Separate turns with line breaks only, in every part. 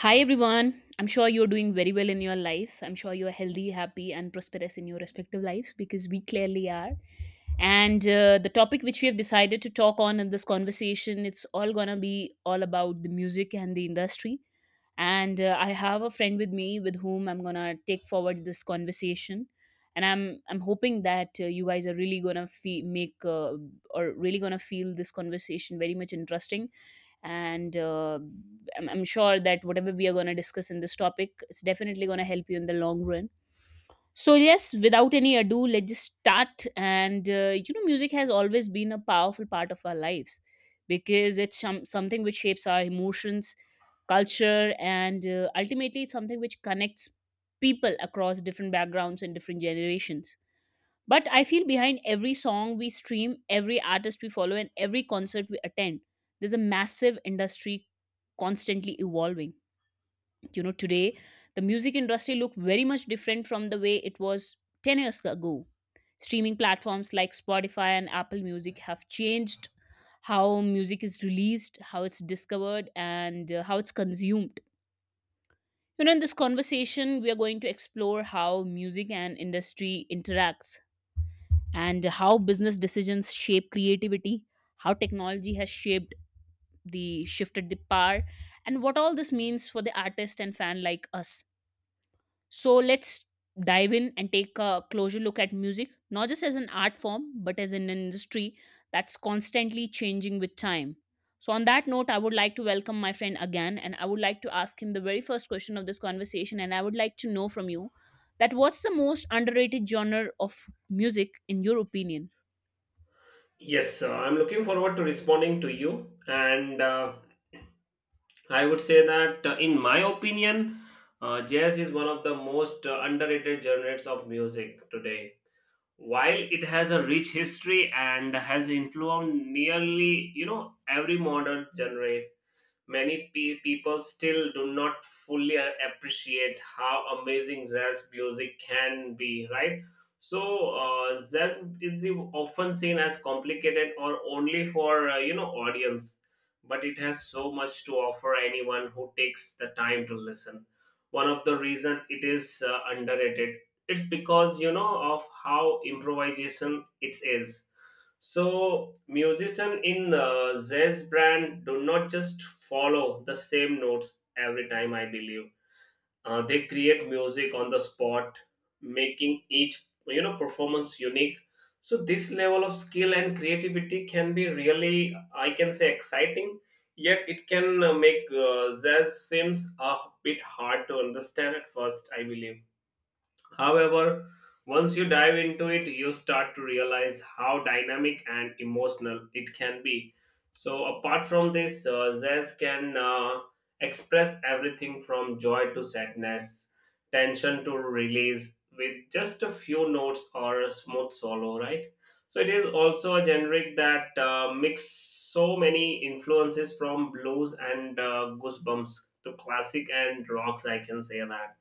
Hi everyone. I'm sure you're doing very well in your life. I'm sure you're healthy, happy, and prosperous in your respective lives because we clearly are. And The topic which we have decided to talk on in this conversation, it's all gonna be all about the music and the industry. And I have a friend with me with whom I'm gonna take forward this conversation. And I'm hoping that you guys are really make or really gonna feel this conversation very much interesting. And uh, I'm, I'm sure that whatever we are going to discuss in this topic, it's definitely going to help you in the long run. So yes, without any ado, let's just start. And you know Music has always been a powerful part of our lives because something which shapes our emotions, culture, and ultimately it's something which connects people across different backgrounds and different generations. But I feel behind every song we stream, every artist we follow, and every concert we attend, there's a massive industry constantly evolving. You know, today the music industry look very much different from the way it was 10 years ago. Streaming platforms like Spotify and Apple Music have changed how music is released, how it's discovered, and how it's consumed. You know, in this conversation, we are going to explore how music and industry interacts, and how business decisions shape creativity, how technology has shaped the shifted the power, and what all this means for the artist and fan like us. So let's dive in and take a closer look at music, not just as an art form, but as an industry that's constantly changing with time. So, on that note, I would like to welcome my friend again, and I would like to ask him the very first question of this conversation. And I would like to know from you that what's the most underrated genre of music in your opinion?
Yes, I'm looking forward to responding to you. And I would say that, in my opinion, jazz is one of the most underrated genres of music today. While it has a rich history and has influenced nearly, every modern genre, many people still do not fully appreciate how amazing jazz music can be, right? So jazz is often seen as complicated or only for audience, but it has so much to offer anyone who takes the time to listen. One of the reason it is underrated, it's because of how improvisation it is. So, musician in jazz brand do not just follow the same notes every time, I believe. Uh, they create music on the spot, making each performance unique. So, this level of skill and creativity can be really, I can say, exciting. Yet, it can make jazz seems a bit hard to understand at first, I believe. However, once you dive into it, you start to realize how dynamic and emotional it can be. So, apart from this, Zez can express everything from joy to sadness, tension to release with just a few notes or a smooth solo, right? So, it is also a generic that mix so many influences from blues and goosebumps to classic and rocks, I can say that.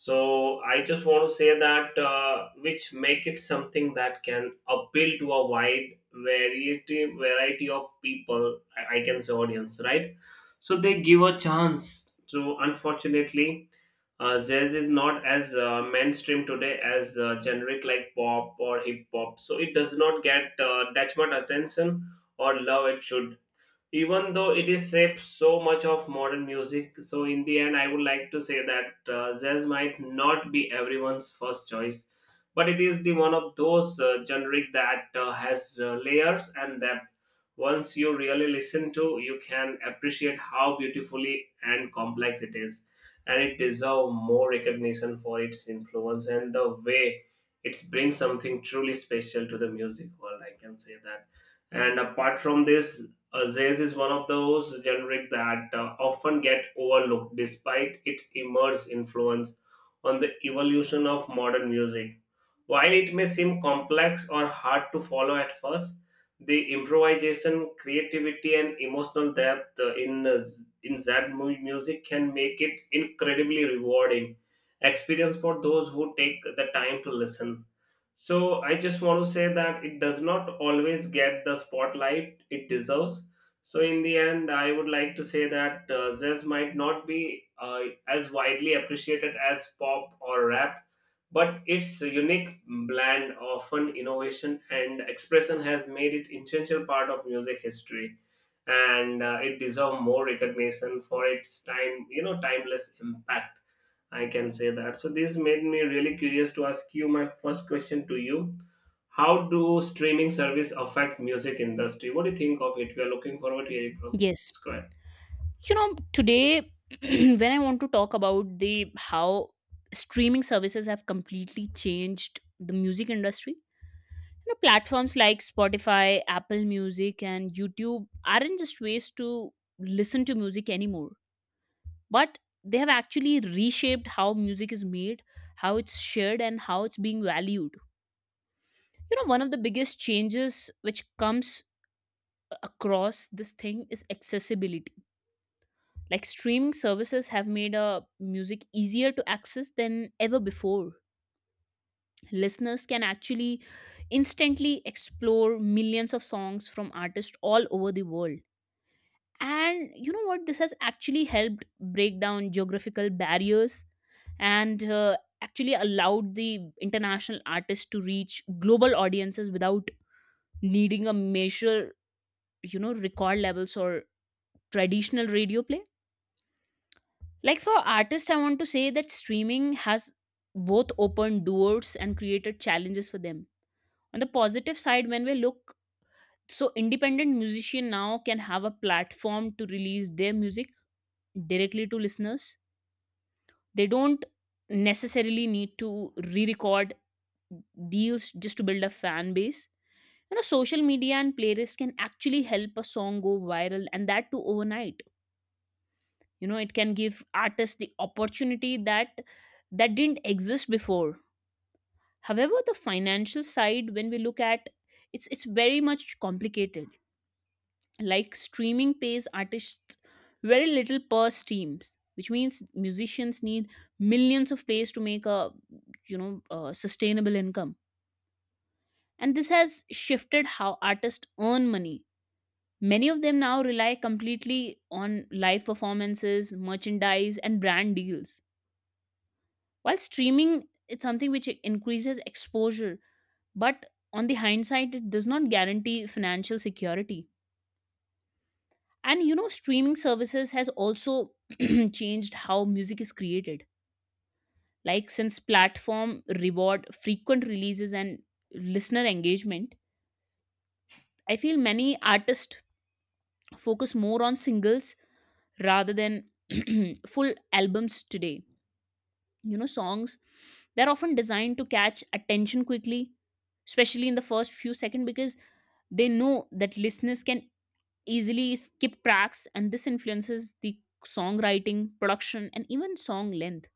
So I just want to say that which make it something that can appeal to a wide variety of people, I can say audience, right? So they give a chance to, unfortunately, jazz is not as mainstream today as generic like pop or hip hop, so it does not get that much attention or love it should, even though it is shaped so much of modern music. So in the end, I would like to say that jazz might not be everyone's first choice, but it is the one of those generic that has layers, and that once you really listen to, you can appreciate how beautifully and complex it is, and it deserves more recognition for its influence and the way it brings something truly special to the music world, I can say that. And apart from this, Zez is one of those generic that often get overlooked despite its immense influence on the evolution of modern music. While it may seem complex or hard to follow at first, the improvisation, creativity, and emotional depth in in Zed music can make it incredibly rewarding experience for those who take the time to listen. So I just want to say that it does not always get the spotlight it deserves. So in the end, I would like to say that jazz might not be as widely appreciated as pop or rap, but its unique blend, often innovation and expression, has made it essential part of music history, and it deserves more recognition for its time, timeless impact, I can say that. So this made me really curious to ask you my first question to you. How do streaming service affect music industry? What do you think of it? We are looking forward to hearing from you.
Yes.
Just go ahead.
You know, today when I want to talk about the how streaming services have completely changed the music industry, you know, platforms like Spotify, Apple Music and YouTube aren't just ways to listen to music anymore, but they have actually reshaped how music is made, how it's shared and how it's being valued. You know, one of the biggest changes which comes across this thing is accessibility. Like streaming services have made music easier to access than ever before. Listeners can actually instantly explore millions of songs from artists all over the world. And you know what? This has actually helped break down geographical barriers and actually allowed the international artists to reach global audiences without needing a major, you know, record levels or traditional radio play. Like for artists, I want to say that streaming has both opened doors and created challenges for them. On the positive side, when we look, so independent musician now can have a platform to release their music directly to listeners. They don't necessarily need to re-record deals just to build a fan base. You know, social media and playlists can actually help a song go viral, and that too overnight. You know, it can give artists the opportunity that didn't exist before. However, the financial side, when we look at, it's very much complicated. Like streaming pays artists very little per streams, which means musicians need millions of plays to make a, you know, a sustainable income. And this has shifted how artists earn money. Many of them now rely completely on live performances, merchandise, and brand deals. While streaming, it's something which increases exposure. But on the hindsight, it does not guarantee financial security. And you know, streaming services has also changed how music is created. Like since platform reward frequent releases and listener engagement, I feel many artists focus more on singles rather than full albums today. You know, songs, they're often designed to catch attention quickly, especially in the first few seconds because they know that listeners can easily skip tracks, and this influences the songwriting, production, and even song length.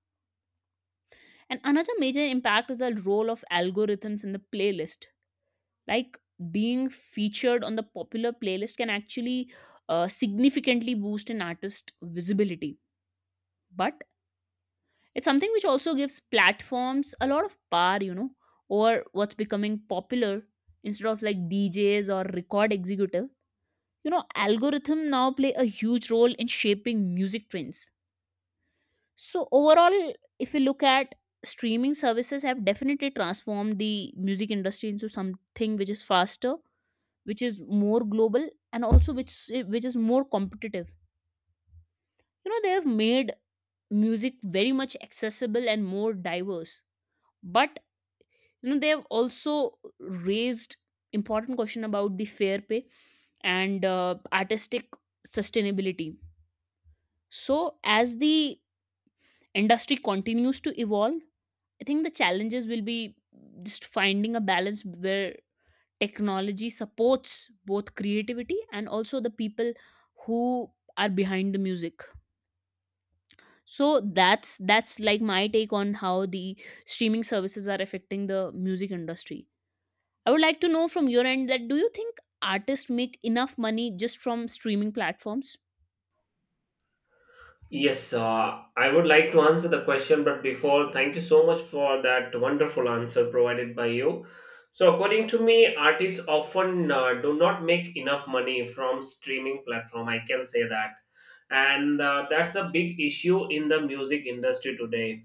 And another major impact is the role of algorithms in the playlist. Like being featured on the popular playlist can actually significantly boost an artist's visibility. But it's something which also gives platforms a lot of power, you know, over what's becoming popular instead of like DJs or record executive. You know, algorithm now play a huge role in shaping music trends. So overall, if you look at streaming services have definitely transformed the music industry into something which is faster, which is more global and also which is more competitive. You know, they have made music very much accessible and more diverse. But you know, they have also raised important question about the fair pay and artistic sustainability. So as the industry continues to evolve, I think the challenges will be just finding a balance where technology supports both creativity and also the people who are behind the music. So that's like my take on how the streaming services are affecting the music industry. I would like to know from your end that do you think artists make enough money just from streaming platforms?
Yes, I would like to answer the question, but before, thank you so much for that wonderful answer provided by you. So, according to me, artists often do not make enough money from streaming platform, I can say that, and that's a big issue in the music industry today.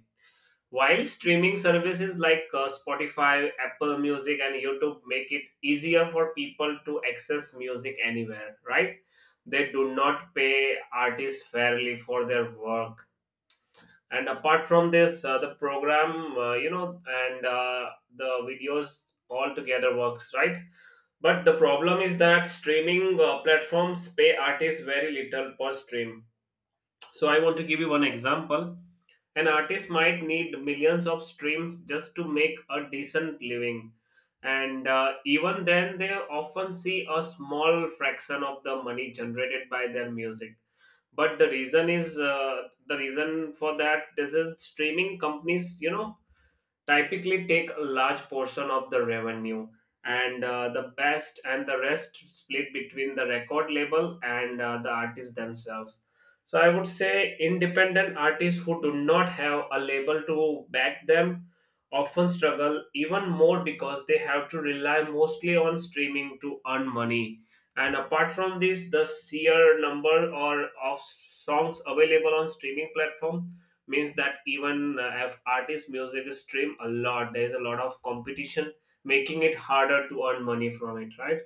While streaming services like Spotify, Apple Music, and YouTube make it easier for people to access music anywhere, right? They do not pay artists fairly for their work. And apart from this, the program, and the videos all together works, right? But the problem is that streaming platforms pay artists very little per stream. So I want to give you one example, an artist might need millions of streams just to make a decent living. And even then, they often see a small fraction of the money generated by their music. But the reason is the reason for that. This is streaming companies, typically take a large portion of the revenue, and the best and the rest split between the record label and the artists themselves. So I would say independent artists who do not have a label to back them often struggle even more because they have to rely mostly on streaming to earn money. And apart from this, the sheer number or of songs available on streaming platform means that even if artist music stream a lot, there is a lot of competition, making it harder to earn money from it, right?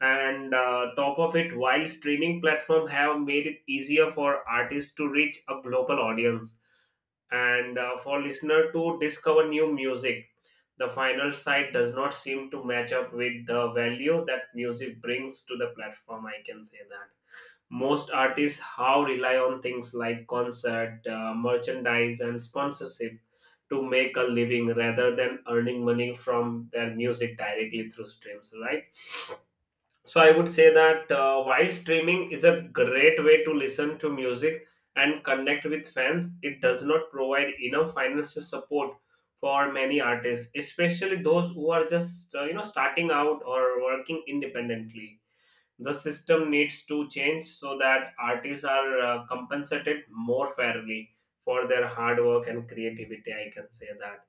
And top of it, while streaming platform have made it easier for artists to reach a global audience and for listener to discover new music, the final site does not seem to match up with the value that music brings to the platform, I can say that. Most artists how rely on things like concert, merchandise, and sponsorship to make a living rather than earning money from their music directly through streams, right? So I would say that while streaming is a great way to listen to music and connect with fans, it does not provide enough financial support for many artists, especially those who are just starting out or working independently. The system needs to change so that artists are compensated more fairly for their hard work and creativity, I can say that.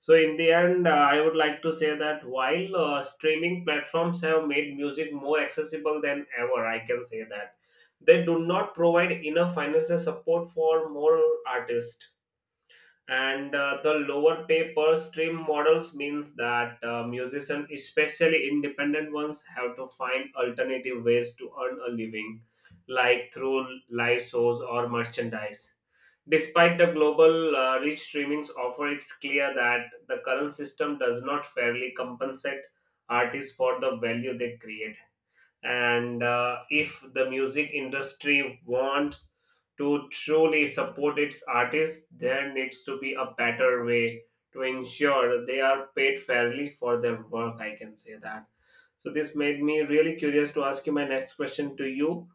So, in the end, I would like to say that while streaming platforms have made music more accessible than ever, I can say that, they do not provide enough financial support for more artists, and the lower pay per stream models means that musicians, especially independent ones, have to find alternative ways to earn a living, like through live shows or merchandise. Despite the global rich streamings offer, it's clear that the current system does not fairly compensate artists for the value they create. And if the music industry wants to truly support its artists, there needs to be a better way to ensure they are paid fairly for their work, I can say that. So this made me really curious to ask you my next question to you.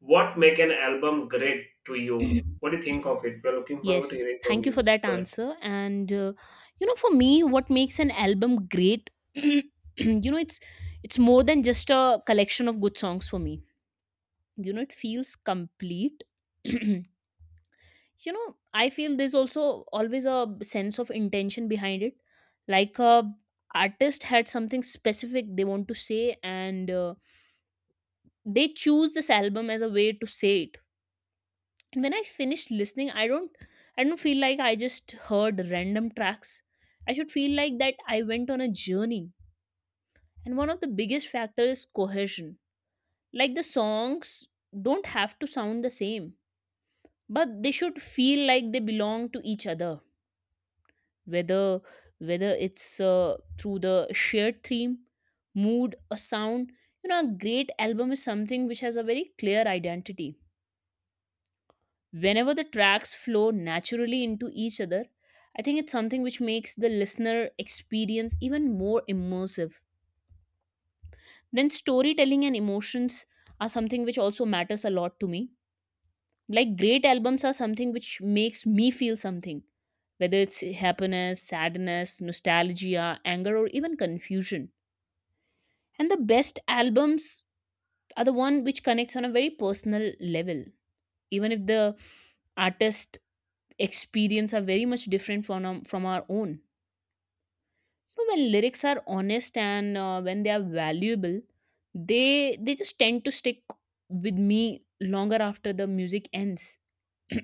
What make an album great to you? What do you think of it? We're looking forward to
Yes,
hearing from
thank you
you.
for
Just
that
go ahead.
answer. And You know, for me, what makes an album great, you know, it's more than just a collection of good songs for me. You know, it feels complete. You know, I feel there's also always a sense of intention behind it, like a artist had something specific they want to say, and they choose this album as a way to say it. And when I finish listening, I don't feel like I just heard random tracks. I should feel like that I went on a journey. And one of the biggest factors is cohesion. Like the songs don't have to sound the same, but they should feel like they belong to each other, whether whether it's through the shared theme, mood or sound. You know, a great album is something which has a very clear identity. Whenever the tracks flow naturally into each other, I think it's something which makes the listener experience even more immersive. Then, storytelling and emotions are something which also matters a lot to me. Like, great albums are something which makes me feel something, whether it's happiness, sadness, nostalgia, anger, or even confusion. And the best albums are the one which connects on a very personal level. Even if the artist experience are very much different from our own. You know, when lyrics are honest and when they are valuable, they just tend to stick with me longer after the music ends.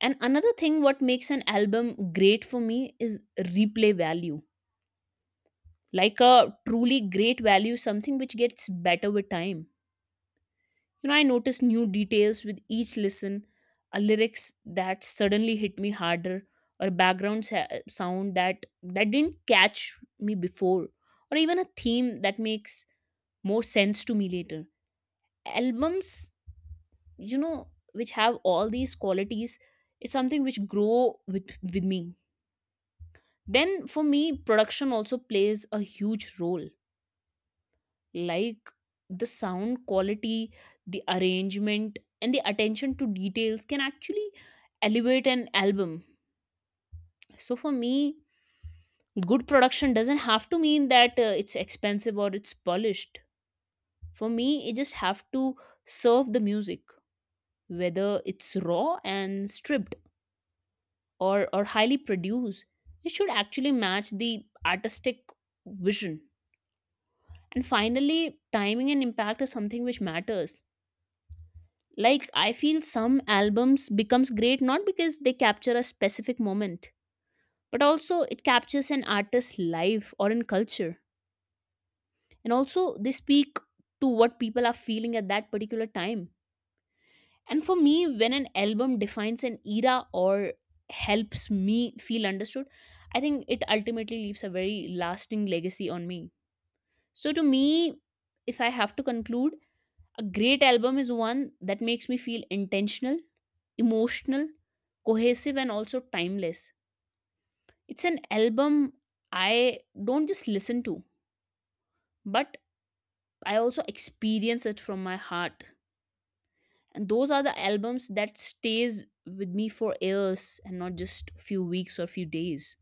And another thing what makes an album great for me is replay value. Like a truly great value something which gets better with time. You know, I noticed new details with each listen, a lyrics that suddenly hit me harder, or a background sound that didn't catch me before, or even a theme that makes more sense to me later. Albums, you know, which have all these qualities, is something which grow with me. Then for me, production also plays a huge role, like the sound quality, the arrangement and the attention to details can actually elevate an album. So for me, good production doesn't have to mean that it's expensive or it's polished. For me, it just have to serve the music, whether it's raw and stripped or highly produced, it should actually match the artistic vision. And finally, timing and impact is something which matters. Like I feel some albums becomes great not because they capture a specific moment, but also it captures an artist's life or in culture, and also they speak to what people are feeling at that particular time. And for me, when an album defines an era or helps me feel understood, I think it ultimately leaves a very lasting legacy on me. So to me, if I have to conclude, a great album is one that makes me feel intentional, emotional, cohesive, and also timeless. It's an album I don't just listen to, but I also experience it from my heart. And those are the albums that stays with me for years and not just few weeks or few days.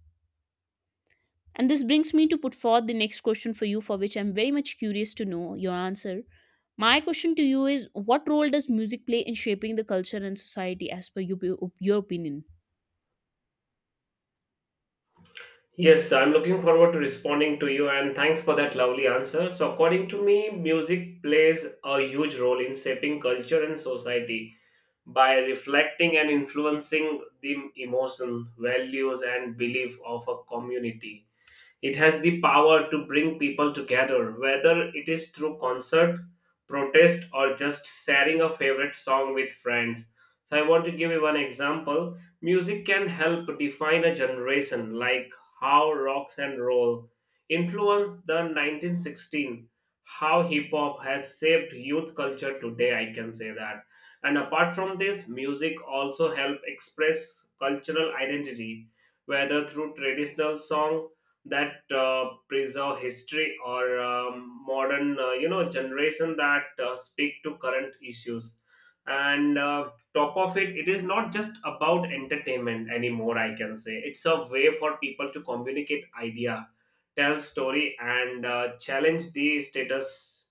And this brings me to put forth the next question for you for which I'm very much curious to know your answer. My question to you is what role does music play in shaping the culture and society as per you, your opinion?
Yes, I'm looking forward to responding to you, and thanks for that lovely answer. So, according to me, music plays a huge role in shaping culture and society by reflecting and influencing the emotion, values, and belief of a community. It has the power to bring people together, whether it is through concert, protest, or just sharing a favorite song with friends. So, I want to give you one example. Music can help define a generation, like how rocks and roll influenced the 1916, how hip hop has shaped youth culture today, I can say that. And apart from this, music also help express cultural identity, whether through traditional song that preserve history or modern generation that speak to current issues. And top of it, it is not just about entertainment anymore, I can say. It's a way for people to communicate idea, tell story, and challenge the status.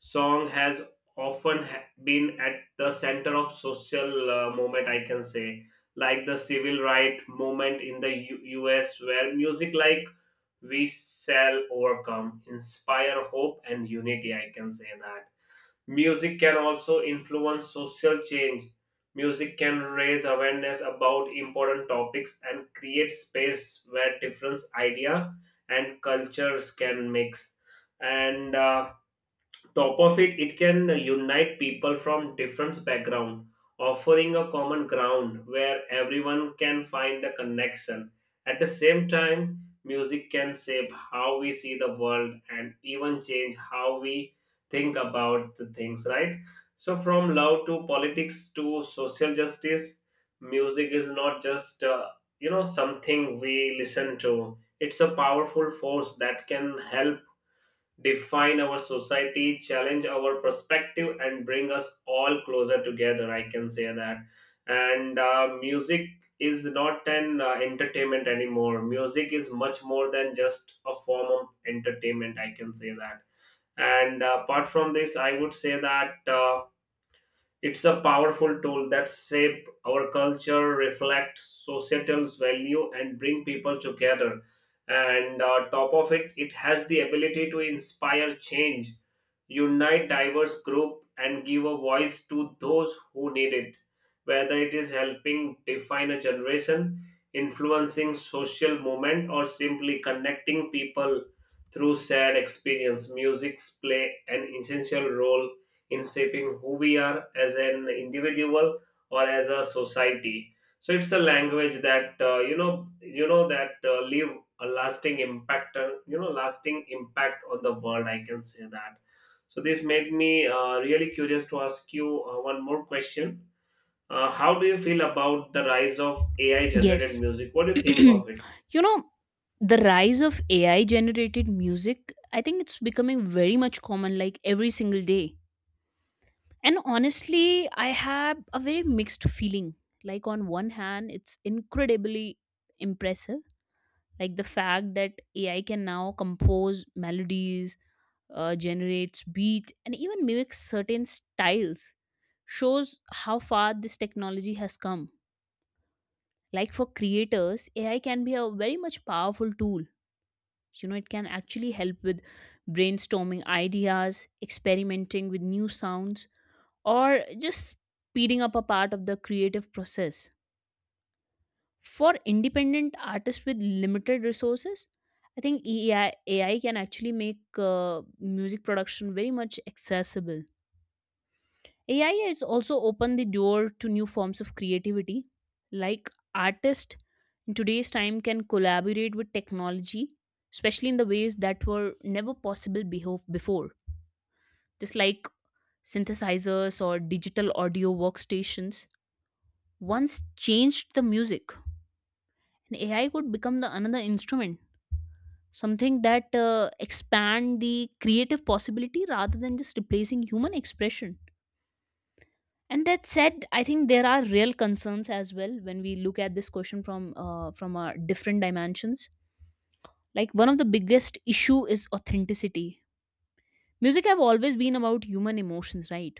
Song has often been at the center of social movement, I can say, like the civil right movement in the US, where music like "We Shall Overcome" inspire hope and unity, I can say that. Music can also influence social change. Music can raise awareness about important topics and create space where different ideas and cultures can mix. And top of it, it can unite people from different backgrounds, offering a common ground where everyone can find a connection. At the same time, music can shape how we see the world and even change how we think about the things, right? So, from love to politics to social justice, music is not just something we listen to. It's a powerful force that can help define our society, challenge our perspective, and bring us all closer together, I can say that. And music is not an entertainment anymore. Music is much more than just a form of entertainment, I can say that. And apart from this, I would say that. It's a powerful tool that shape our culture, reflect societal value, and bring people together. And top of it, it has the ability to inspire change, unite diverse group, and give a voice to those who need it, whether it is helping define a generation, influencing social movement, or simply connecting people through shared experience. Music's play an essential role in shaping who we are as an individual or as a society. So it's a language that leave a lasting impact, lasting impact on the world. I can say that. So this made me really curious to ask you one more question. How do you feel about the rise of AI generated
Yes.
music? What do you think
You
of it?
know, the rise of AI generated music, I think it's becoming very much common like every single day. And honestly, I have a very mixed feeling. Like, on one hand, it's incredibly impressive. Like, the fact that AI can now compose melodies, generates beat, and even mimics certain styles shows how far this technology has come. Like, for creators, AI can be a very much powerful tool, you know, it can actually help with brainstorming ideas, experimenting with new sounds, or just speeding up a part of the creative process for independent artists with limited resources. I think AI can actually make music production very much accessible. AI has also opened the door to new forms of creativity, like artists in today's time can collaborate with technology, especially in the ways that were never possible before, just like synthesizers or digital audio workstations once changed the music, and AI could become the another instrument, something that expand the creative possibility rather than just replacing human expression. And that said, I think there are real concerns as well when we look at this question from different dimensions. Like, one of the biggest issue is authenticity. Music have always been about human emotions, right?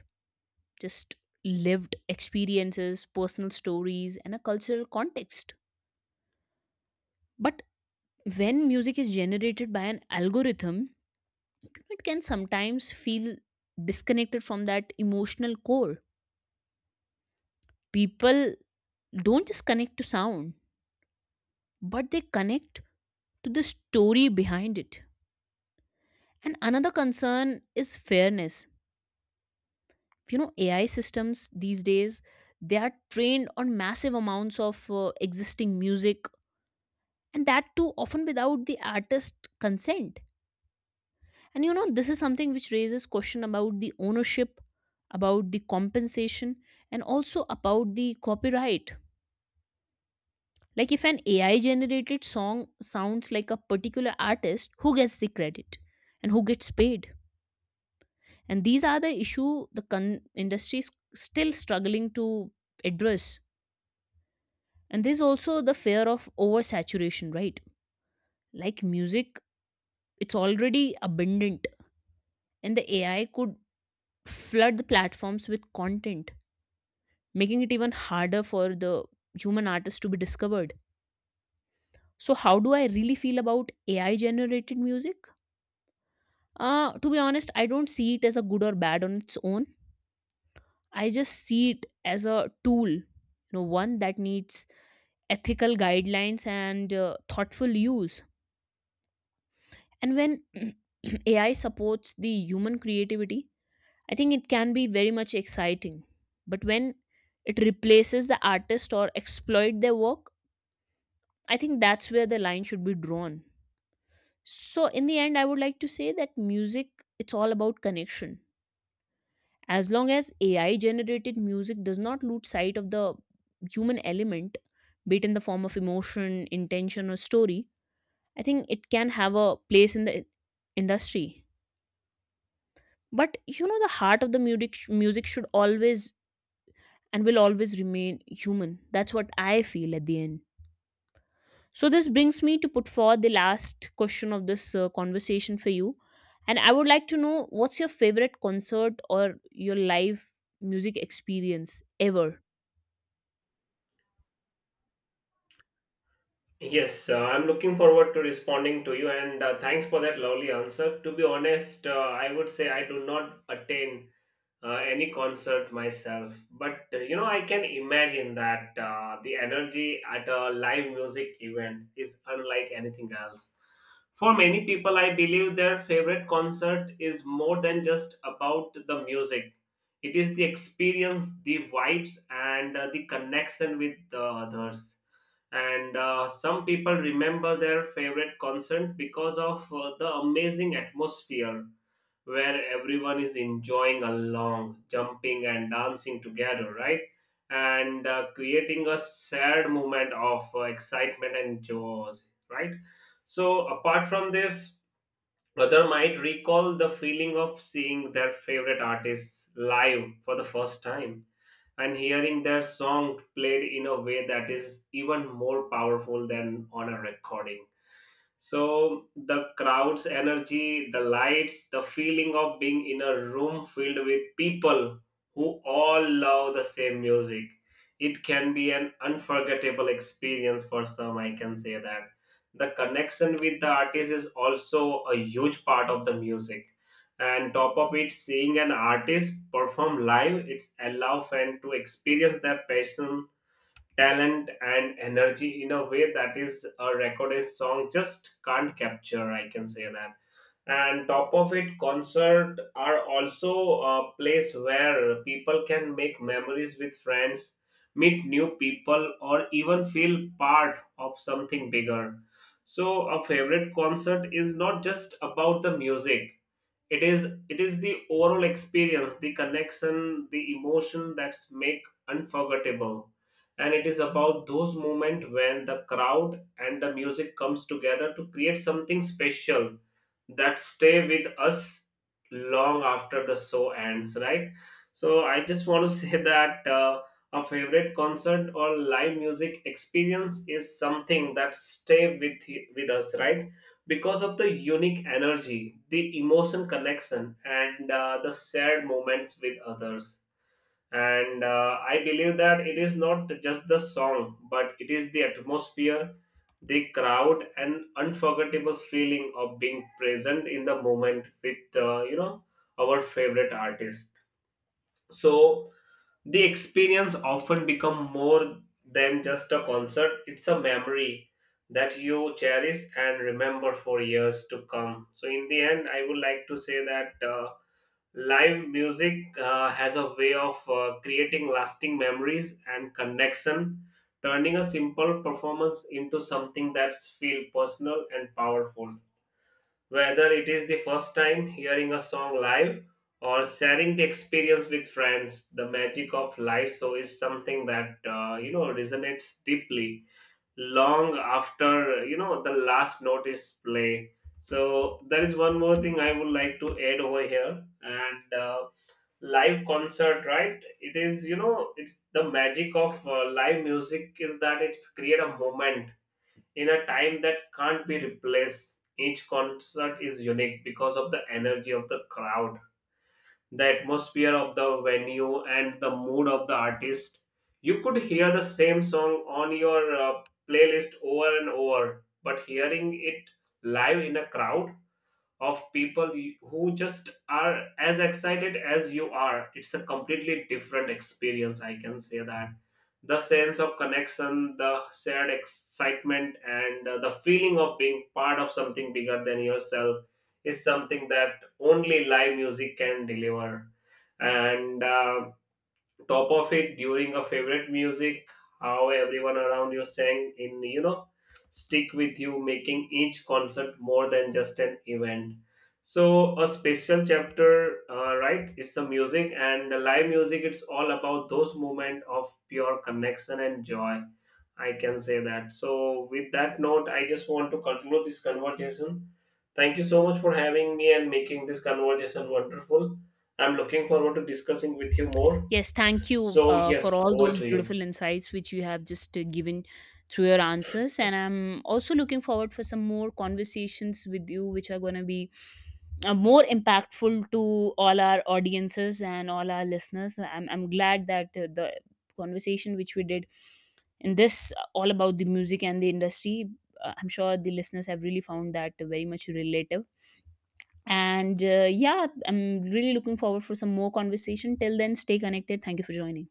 Just lived experiences, personal stories, and a cultural context. But when music is generated by an algorithm, it can sometimes feel disconnected from that emotional core. People don't just connect to sound, but they connect to the story behind it. And another concern is fairness. You know, AI systems these days, they are trained on massive amounts of existing music, and that too often without the artist consent. And you know, this is something which raises question about the ownership, about the compensation, and also about the copyright. Like, if an AI generated song sounds like a particular artist, who gets the credit and who gets paid? And these are the issue the industry is still struggling to address. And there's also the fear of oversaturation, right? Like, music, it's already abundant, and the AI could flood the platforms with content, making it even harder for the human artist to be discovered. So how do I really feel about AI generated music? Uh, to be honest, I don't see it as a good or bad on its own. I just see it as a tool, you know, one that needs ethical guidelines and thoughtful use. And when AI supports the human creativity, I think it can be very much exciting. But when it replaces the artist or exploit their work, I think that's where the line should be drawn. So in the end, I would like to say that music, it's all about connection. As long as AI generated music does not lose sight of the human element, be it in the form of emotion, intention, or story, I think it can have a place in the industry. But you know, the heart of the music should always and will always remain human. That's what I feel at the end. So this brings me to put forward the last question of this conversation for you, and I would like to know what's your favorite concert or your live music experience ever.
Yes, I'm looking forward to responding to you, and thanks for that lovely answer. To be honest, I would say I do not attain any concert myself, but I can imagine that the energy at a live music event is unlike anything else. For many people, I believe their favorite concert is more than just about the music. It is the experience, the vibes, and the connection with the others. And Some people remember their favorite concert because of the amazing atmosphere where everyone is enjoying along, jumping and dancing together, right? And creating a shared moment of excitement and joy, right? So, apart from this, other might recall the feeling of seeing their favorite artists live for the first time and hearing their song played in a way that is even more powerful than on a recording. So the crowd's energy, the lights, the feeling of being in a room filled with people who all love the same music. It can be an unforgettable experience for some, I can say that. The connection with the artist is also a huge part of the music. And top of it, seeing an artist perform live, it's allow fan to experience their passion, talent, and energy in a way that is a recorded song just can't capture. I can say that. And top of it, concert are also a place where people can make memories with friends, meet new people, or even feel part of something bigger. So a favorite concert is not just about the music. It is the overall experience, the connection, the emotion that's make unforgettable. And it is about those moments when the crowd and the music comes together to create something special that stay with us long after the show ends, right? So I just want to say that, a favorite concert or live music experience is something that stay with us, right? Because of the unique energy, the emotion connection, and the shared moments with others. And I believe that it is not just the song, but it is the atmosphere, the crowd, and unforgettable feeling of being present in the moment with our favorite artist. So the experience often become more than just a concert. It's a memory that you cherish and remember for years to come. So in the end, I would like to say that, live music has a way of creating lasting memories and connection, turning a simple performance into something that's feel personal and powerful. Whether it is the first time hearing a song live or sharing the experience with friends, the magic of live show is something that resonates deeply long after, the last note is play. So there is one more thing I would like to add over here, and live concert, right? It is you know It's the magic of live music is that it's create a moment in a time that can't be replaced. Each concert is unique because of the energy of the crowd, the atmosphere of the venue, and the mood of the artist. You could hear the same song on your playlist over and over, but hearing it live in a crowd of people who just are as excited as you are. It's a completely different experience, I can say that. The sense of connection, the shared excitement, and the feeling of being part of something bigger than yourself is something that only live music can deliver. And top of it, during a favorite music, how everyone around you sang in, stick with you, making each concert more than just an event. So a special chapter, right, it's the music, and the live music, it's all about those moment of pure connection and joy. I can say that. So with that note, I just want to conclude this conversation. Thank you so much for having me and making this conversation wonderful. I'm looking forward to discussing with you more.
Yes, thank you
So,
for
yes,
all
over
those
to you.
beautiful insights which you have just given through your answers. And I'm also looking forward for some more conversations with you, which are going to be more impactful to all our audiences and all our listeners. I'm glad that the conversation which we did in this all about the music and the industry, I'm sure the listeners have really found that very much relative, and yeah, I'm really looking forward for some more conversation. Till then, stay connected. Thank you for joining.